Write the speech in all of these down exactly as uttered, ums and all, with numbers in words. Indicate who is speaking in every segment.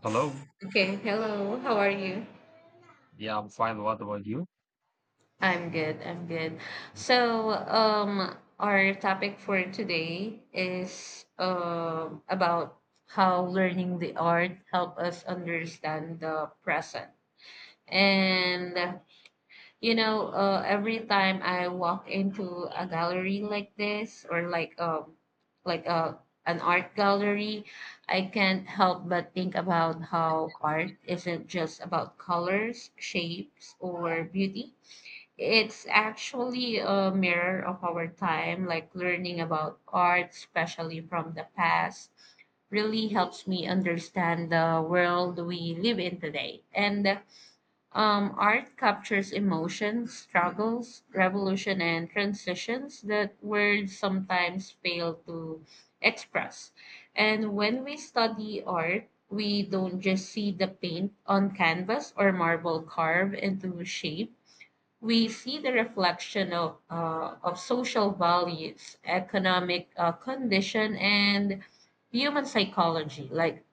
Speaker 1: Hello.
Speaker 2: Okay, hello. How are you?
Speaker 1: Yeah, I'm fine. What about you?
Speaker 2: I'm good. I'm good. So, um, our topic for today is um about how learning the art help us understand the present. And you know, uh, every time I walk into a gallery like this or like um like a an art gallery, I can't help but think about how art isn't just about colors, shapes, or beauty. It's actually a mirror of our time, like learning about art, especially from the past, really helps me understand the world we live in today. And um, art captures emotions, struggles, revolution, and transitions that words sometimes fail to express. And when we study art, we don't just see the paint on canvas or marble carved into shape. We see the reflection of, uh, of social values, economic uh, condition, and human psychology, like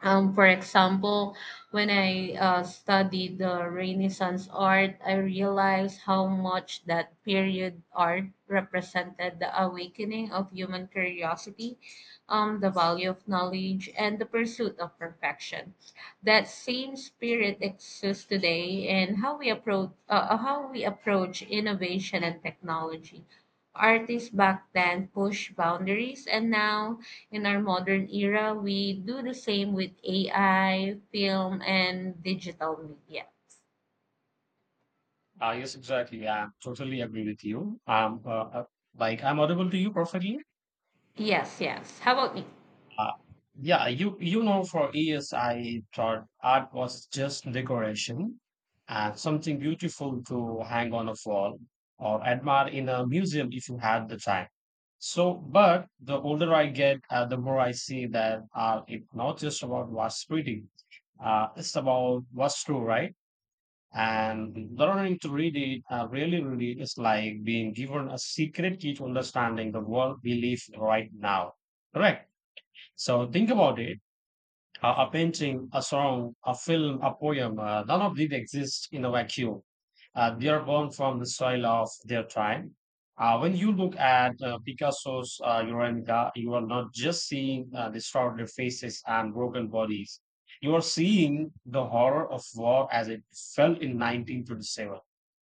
Speaker 2: um, for example, when I uh, studied the Renaissance art, I realized how much that period art represented the awakening of human curiosity, um, the value of knowledge, and the pursuit of perfection. That same spirit exists today in how we approach uh, uh, how we approach innovation and technology. Artists back then pushed boundaries, and now in our modern era, we do the same with A I, film, and digital media.
Speaker 1: Uh, yes, exactly. Yeah, I totally agree with you. Um, uh, uh, like I'm audible to you perfectly.
Speaker 2: Yes, yes. How about me?
Speaker 1: Uh, yeah, you you know, for years I thought art was just decoration and something beautiful to hang on a wall or admire in a museum if you had the time. So, but the older I get, uh, the more I see that art is not just about what's pretty. Uh, it's about what's true, right? And learning to read it, uh, really read it, is like being given a secret key to understanding the world we live right now. Correct. So think about it. A, a painting, a song, a film, a poem, uh, none of these exist in a vacuum. Uh, they are born from the soil of their time. Uh, when you look at uh, Picasso's uh, Guernica, you are not just seeing uh, distorted faces and broken bodies. You are seeing the horror of war as it fell in nineteen twenty-seven.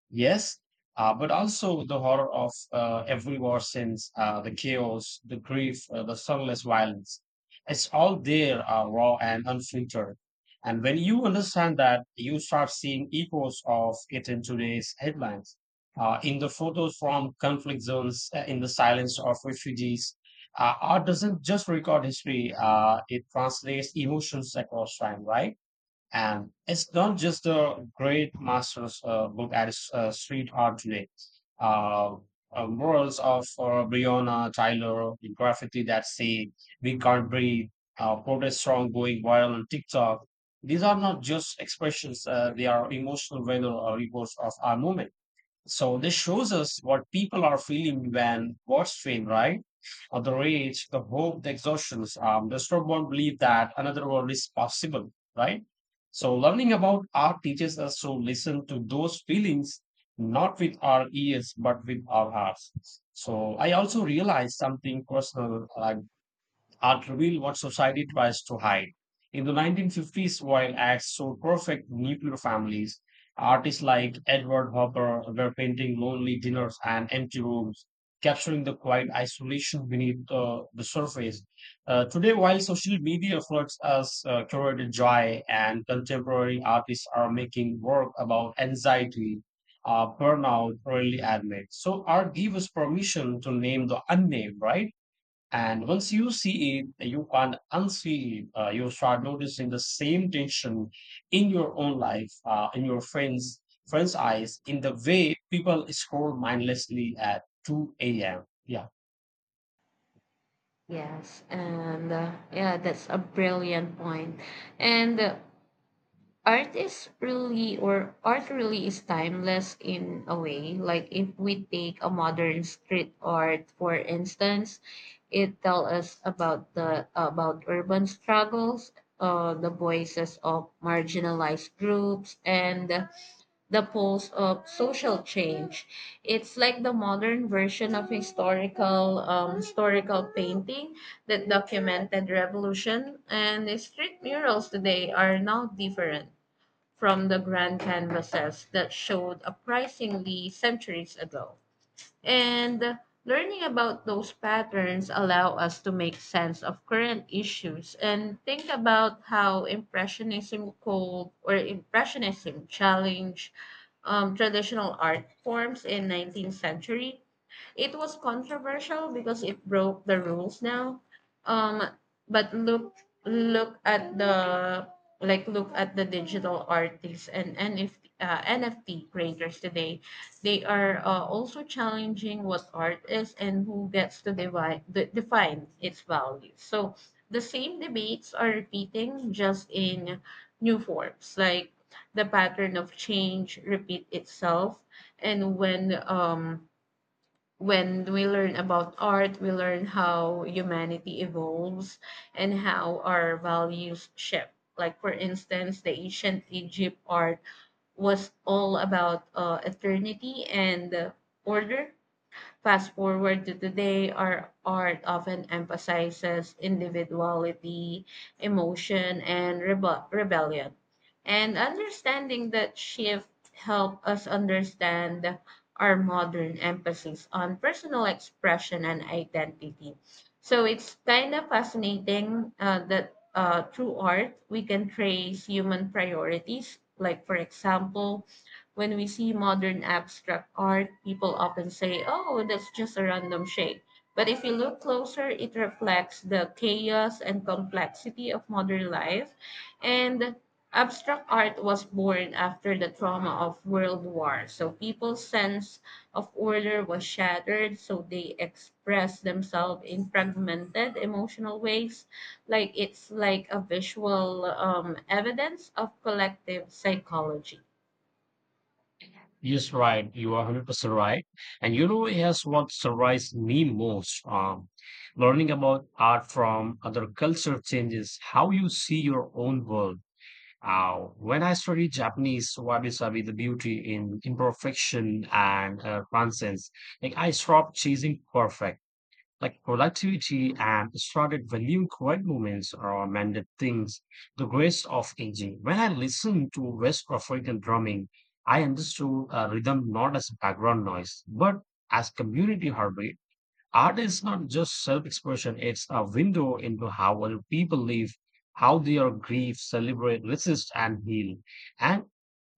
Speaker 1: Yes, uh, but also the horror of uh, every war since uh, the chaos, the grief, uh, the sunless violence. It's all there, uh, raw and unfiltered. And when you understand that, you start seeing echoes of it in today's headlines, uh, in the photos from conflict zones, uh, in the silence of refugees. Uh, art doesn't just record history, uh, it translates emotions across time, right? And it's not just a great master's uh, book at uh, street art today. Uh, uh, Murals of uh, Breonna Tyler, the graffiti that say "We can't breathe," uh, protest song going viral on TikTok. These are not just expressions; uh, they are emotional weather or reports of our movement. So this shows us what people are feeling when what's feeling, right? Or the rage, the hope, the exhaustions. Um, the not one belief that another world is possible, right? So learning about art teaches us to listen to those feelings, not with our ears, but with our hearts. So I also realized something personal, like art revealed what society tries to hide. In the nineteen fifties, while acts so perfect nuclear families, artists like Edward Hopper were painting lonely dinners and empty rooms, capturing the quiet isolation beneath uh, the surface. Uh, today, while social media floods us uh, curated joy, and contemporary artists are making work about anxiety, uh, burnout, early admit. So, art gives us permission to name the unnamed, right? And once you see it, you can't unsee it. Uh, you start noticing the same tension in your own life, uh, in your friends' friends' eyes, in the way people scroll mindlessly at two a m. Yeah.
Speaker 2: Yes, and uh, yeah, that's a brilliant point. And uh, art is really or art really is timeless in a way. Like if we take a modern street art, for instance, it tells us about the about urban struggles, uh, the voices of marginalized groups, and the pulse of social change. It's like the modern version of historical um, historical painting that documented revolution, and the street murals today are now different from the grand canvases that showed uprisingly centuries ago. And learning about those patterns allow us to make sense of current issues and think about how impressionism cold or impressionism challenged um, traditional art forms in nineteenth century. It was controversial because it broke the rules. Now, um but look look at the like look at the digital artists and nft uh, nft creators today. They are uh, also challenging what art is and who gets to divide, de- define its values. So the same debates are repeating, just in new forms, like the pattern of change repeat itself. And when um, when we learn about art, we learn how humanity evolves and how our values shift. Like for instance, the ancient Egypt art was all about uh, eternity and uh, order. Fast forward to today, our art often emphasizes individuality, emotion, and rebe- rebellion. And understanding that shift helped us understand our modern emphasis on personal expression and identity. So it's kind of fascinating uh, that uh, through art, we can trace human priorities. Like, for example, when we see modern abstract art, people often say, oh, that's just a random shape. But if you look closer, it reflects the chaos and complexity of modern life. And abstract art was born after the trauma of World War. So people's sense of order was shattered, so they express themselves in fragmented emotional ways. Like it's like a visual um, evidence of collective psychology.
Speaker 1: Yes, right. You are one hundred percent right. And you know, here's what surprised me most. Um, learning about art from other culture changes how you see your own world. Uh, when I studied Japanese wabi sabi, the beauty in imperfection and uh, nonsense, like I stopped chasing perfect, like productivity, and started valuing quiet moments or mended things. The grace of aging. When I listened to West African drumming, I understood uh, rhythm not as background noise, but as community heartbeat. Art is not just self expression, it's a window into how other people live, how they are grieve, celebrate, resist, and heal. And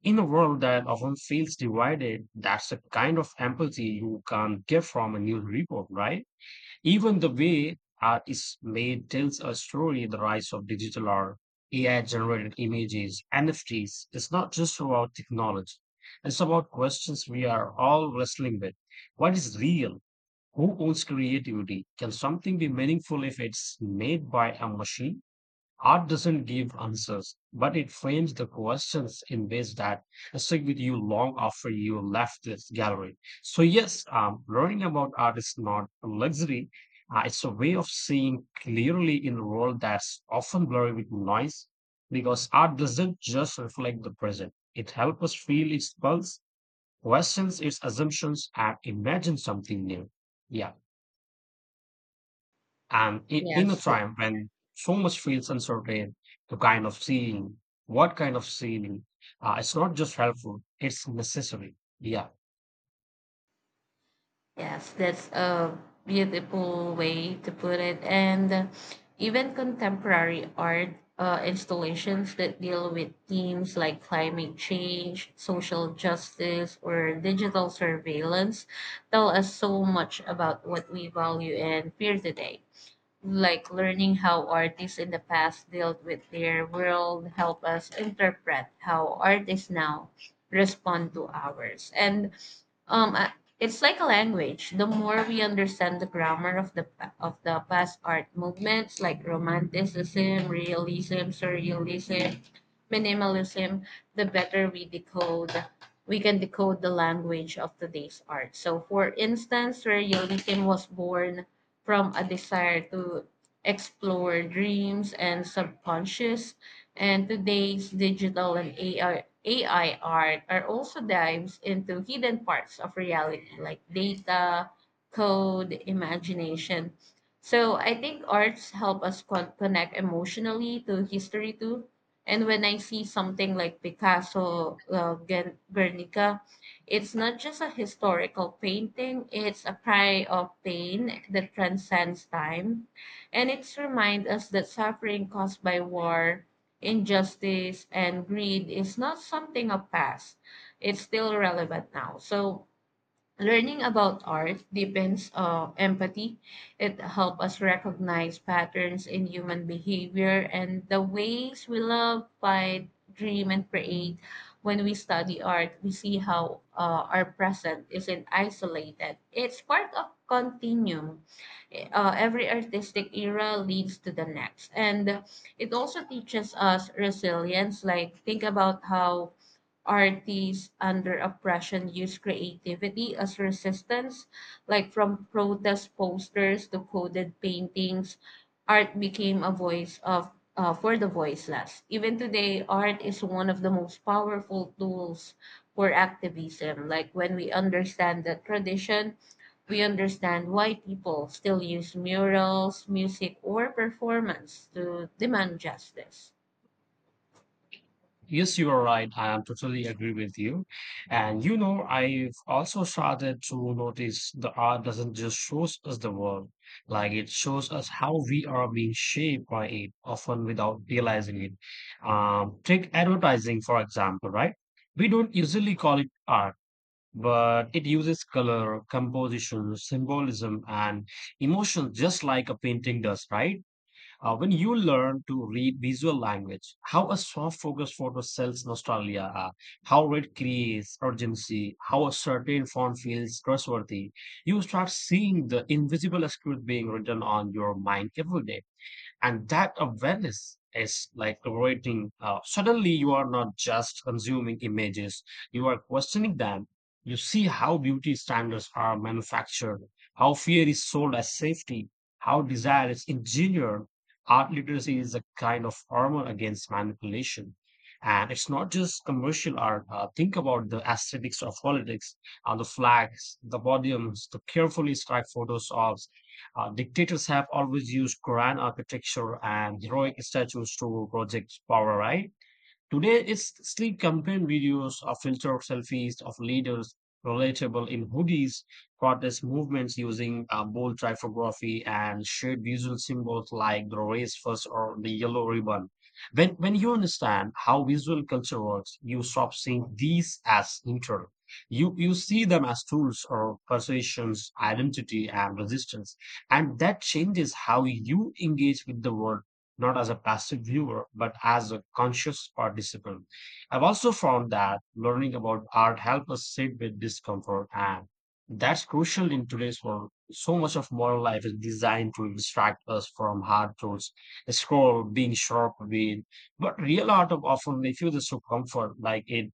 Speaker 1: in a world that often feels divided, that's the kind of empathy you can get from a news report, right? Even the way art is made tells a story the rise of digital art, A I generated images, N F Ts. It's not just about technology, it's about questions we are all wrestling with. What is real? Who owns creativity? Can something be meaningful if it's made by a machine? Art doesn't give answers, but it frames the questions in ways that stick with you long after you left this gallery. So, yes, um, learning about art is not a luxury. Uh, it's a way of seeing clearly in a world that's often blurry with noise because art doesn't just reflect the present. It helps us feel its pulse, questions its assumptions, and imagine something new. Yeah. And i- in a
Speaker 2: Yes.
Speaker 1: time when so much feels uncertain, the kind of seeing, what kind of seeing, uh, it's not just helpful, it's necessary. Yeah.
Speaker 2: Yes, that's a beautiful way to put it. And uh, even contemporary art uh, installations that deal with themes like climate change, social justice, or digital surveillance tell us so much about what we value and fear today. Like learning how artists in the past dealt with their world help us interpret how artists now respond to ours. And um uh, it's like a language. The more we understand the grammar of the pa- of the past art movements, like romanticism, realism, surrealism, minimalism, the better we decode we can decode the language of today's art. So for instance, surrealism was born from a desire to explore dreams and subconscious. And today's digital and AI, A I art are also dives into hidden parts of reality like data, code, imagination. So I think arts help us con- connect emotionally to history too. And when I see something like Picasso, uh, Gen- Guernica, it's not just a historical painting, it's a cry of pain that transcends time. And it's reminds us that suffering caused by war, injustice, and greed is not something of past. It's still relevant now. So learning about art deepens uh, empathy. It helps us recognize patterns in human behavior and the ways we love, fight, dream, and create. When we study art, we see how uh, our present isn't isolated. It's part of continuum. Uh, every artistic era leads to the next, and it also teaches us resilience. Like think about how artists under oppression use creativity as resistance, like from protest posters to coded paintings. Art became a voice of uh, for the voiceless. Even today, art is one of the most powerful tools for activism. Like when we understand the tradition, we understand why people still use murals, music, or performance to demand justice.
Speaker 1: Yes, you are right. I am totally agree with you. And you know, I've also started to notice the art doesn't just shows us the world, like it shows us how we are being shaped by it, often without realizing it. Um, take advertising, for example, right? We don't usually call it art but it uses color, composition, symbolism, and emotion just like a painting does, right? Uh, when you learn to read visual language, how a soft focus photo sells nostalgia, uh, how it creates urgency, how a certain font feels trustworthy, you start seeing the invisible script being written on your mind every day, and that awareness is like creating uh, suddenly you are not just consuming images, you are questioning them, you see how beauty standards are manufactured, how fear is sold as safety, how desire is engineered. Art literacy is a kind of armor against manipulation, and it's not just commercial art. Uh, think about the aesthetics of politics, uh, the flags, the podiums, the carefully styled photos of uh, dictators have always used grand architecture and heroic statues to project power, right? Today, it's sleek campaign videos of filtered selfies of leaders, relatable in hoodies, protest movements using uh, bold typography and shared visual symbols like the race first or the yellow ribbon. When, when you understand how visual culture works, you stop seeing these as neutral. You, you see them as tools or persuasions, identity, and resistance. And that changes how you engage with the world, not as a passive viewer, but as a conscious participant. I've also found that learning about art helps us sit with discomfort, and that's crucial in today's world. So much of modern life is designed to distract us from hard truths, scroll, being sharp, being. But real art often refuses to comfort, like it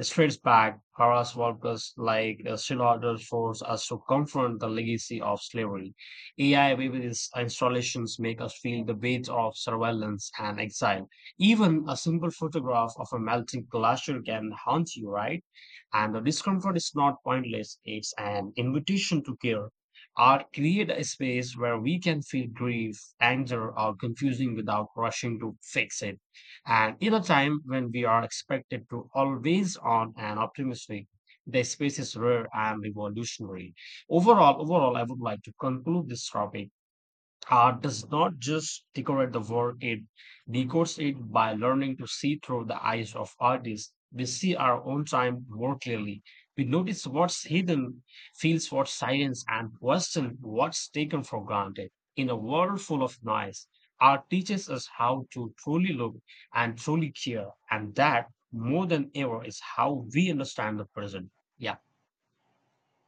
Speaker 1: strays back. Horace Walker's like uh, still orders force us to confront the legacy of slavery. A I based installations make us feel the weight of surveillance and exile. Even a simple photograph of a melting glacier can haunt you, right? And the discomfort is not pointless, it's an invitation to care. Art create a space where we can feel grief, anger, or confusing without rushing to fix it. And in a time when we are expected to always on and optimistic, the space is rare and revolutionary. Overall, overall, I would like to conclude this topic. Art does not just decorate the world, it decodes it by learning to see through the eyes of artists. We see our own time more clearly. We notice what's hidden, feels what's silence, and question what's taken for granted. In a world full of noise, art teaches us how to truly look and truly care, and that more than ever is how we understand the present. Yeah.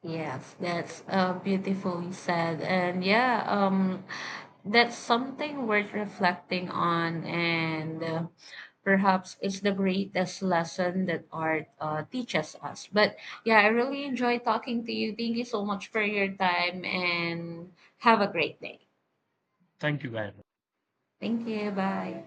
Speaker 2: Yes, that's uh, beautifully said. And yeah, um, that's something worth reflecting on. And uh, perhaps it's the greatest lesson that art uh, teaches us. But yeah, I really enjoy talking to you. Thank you so much for your time and have a great day.
Speaker 1: Thank you, guys.
Speaker 2: Thank you. Bye.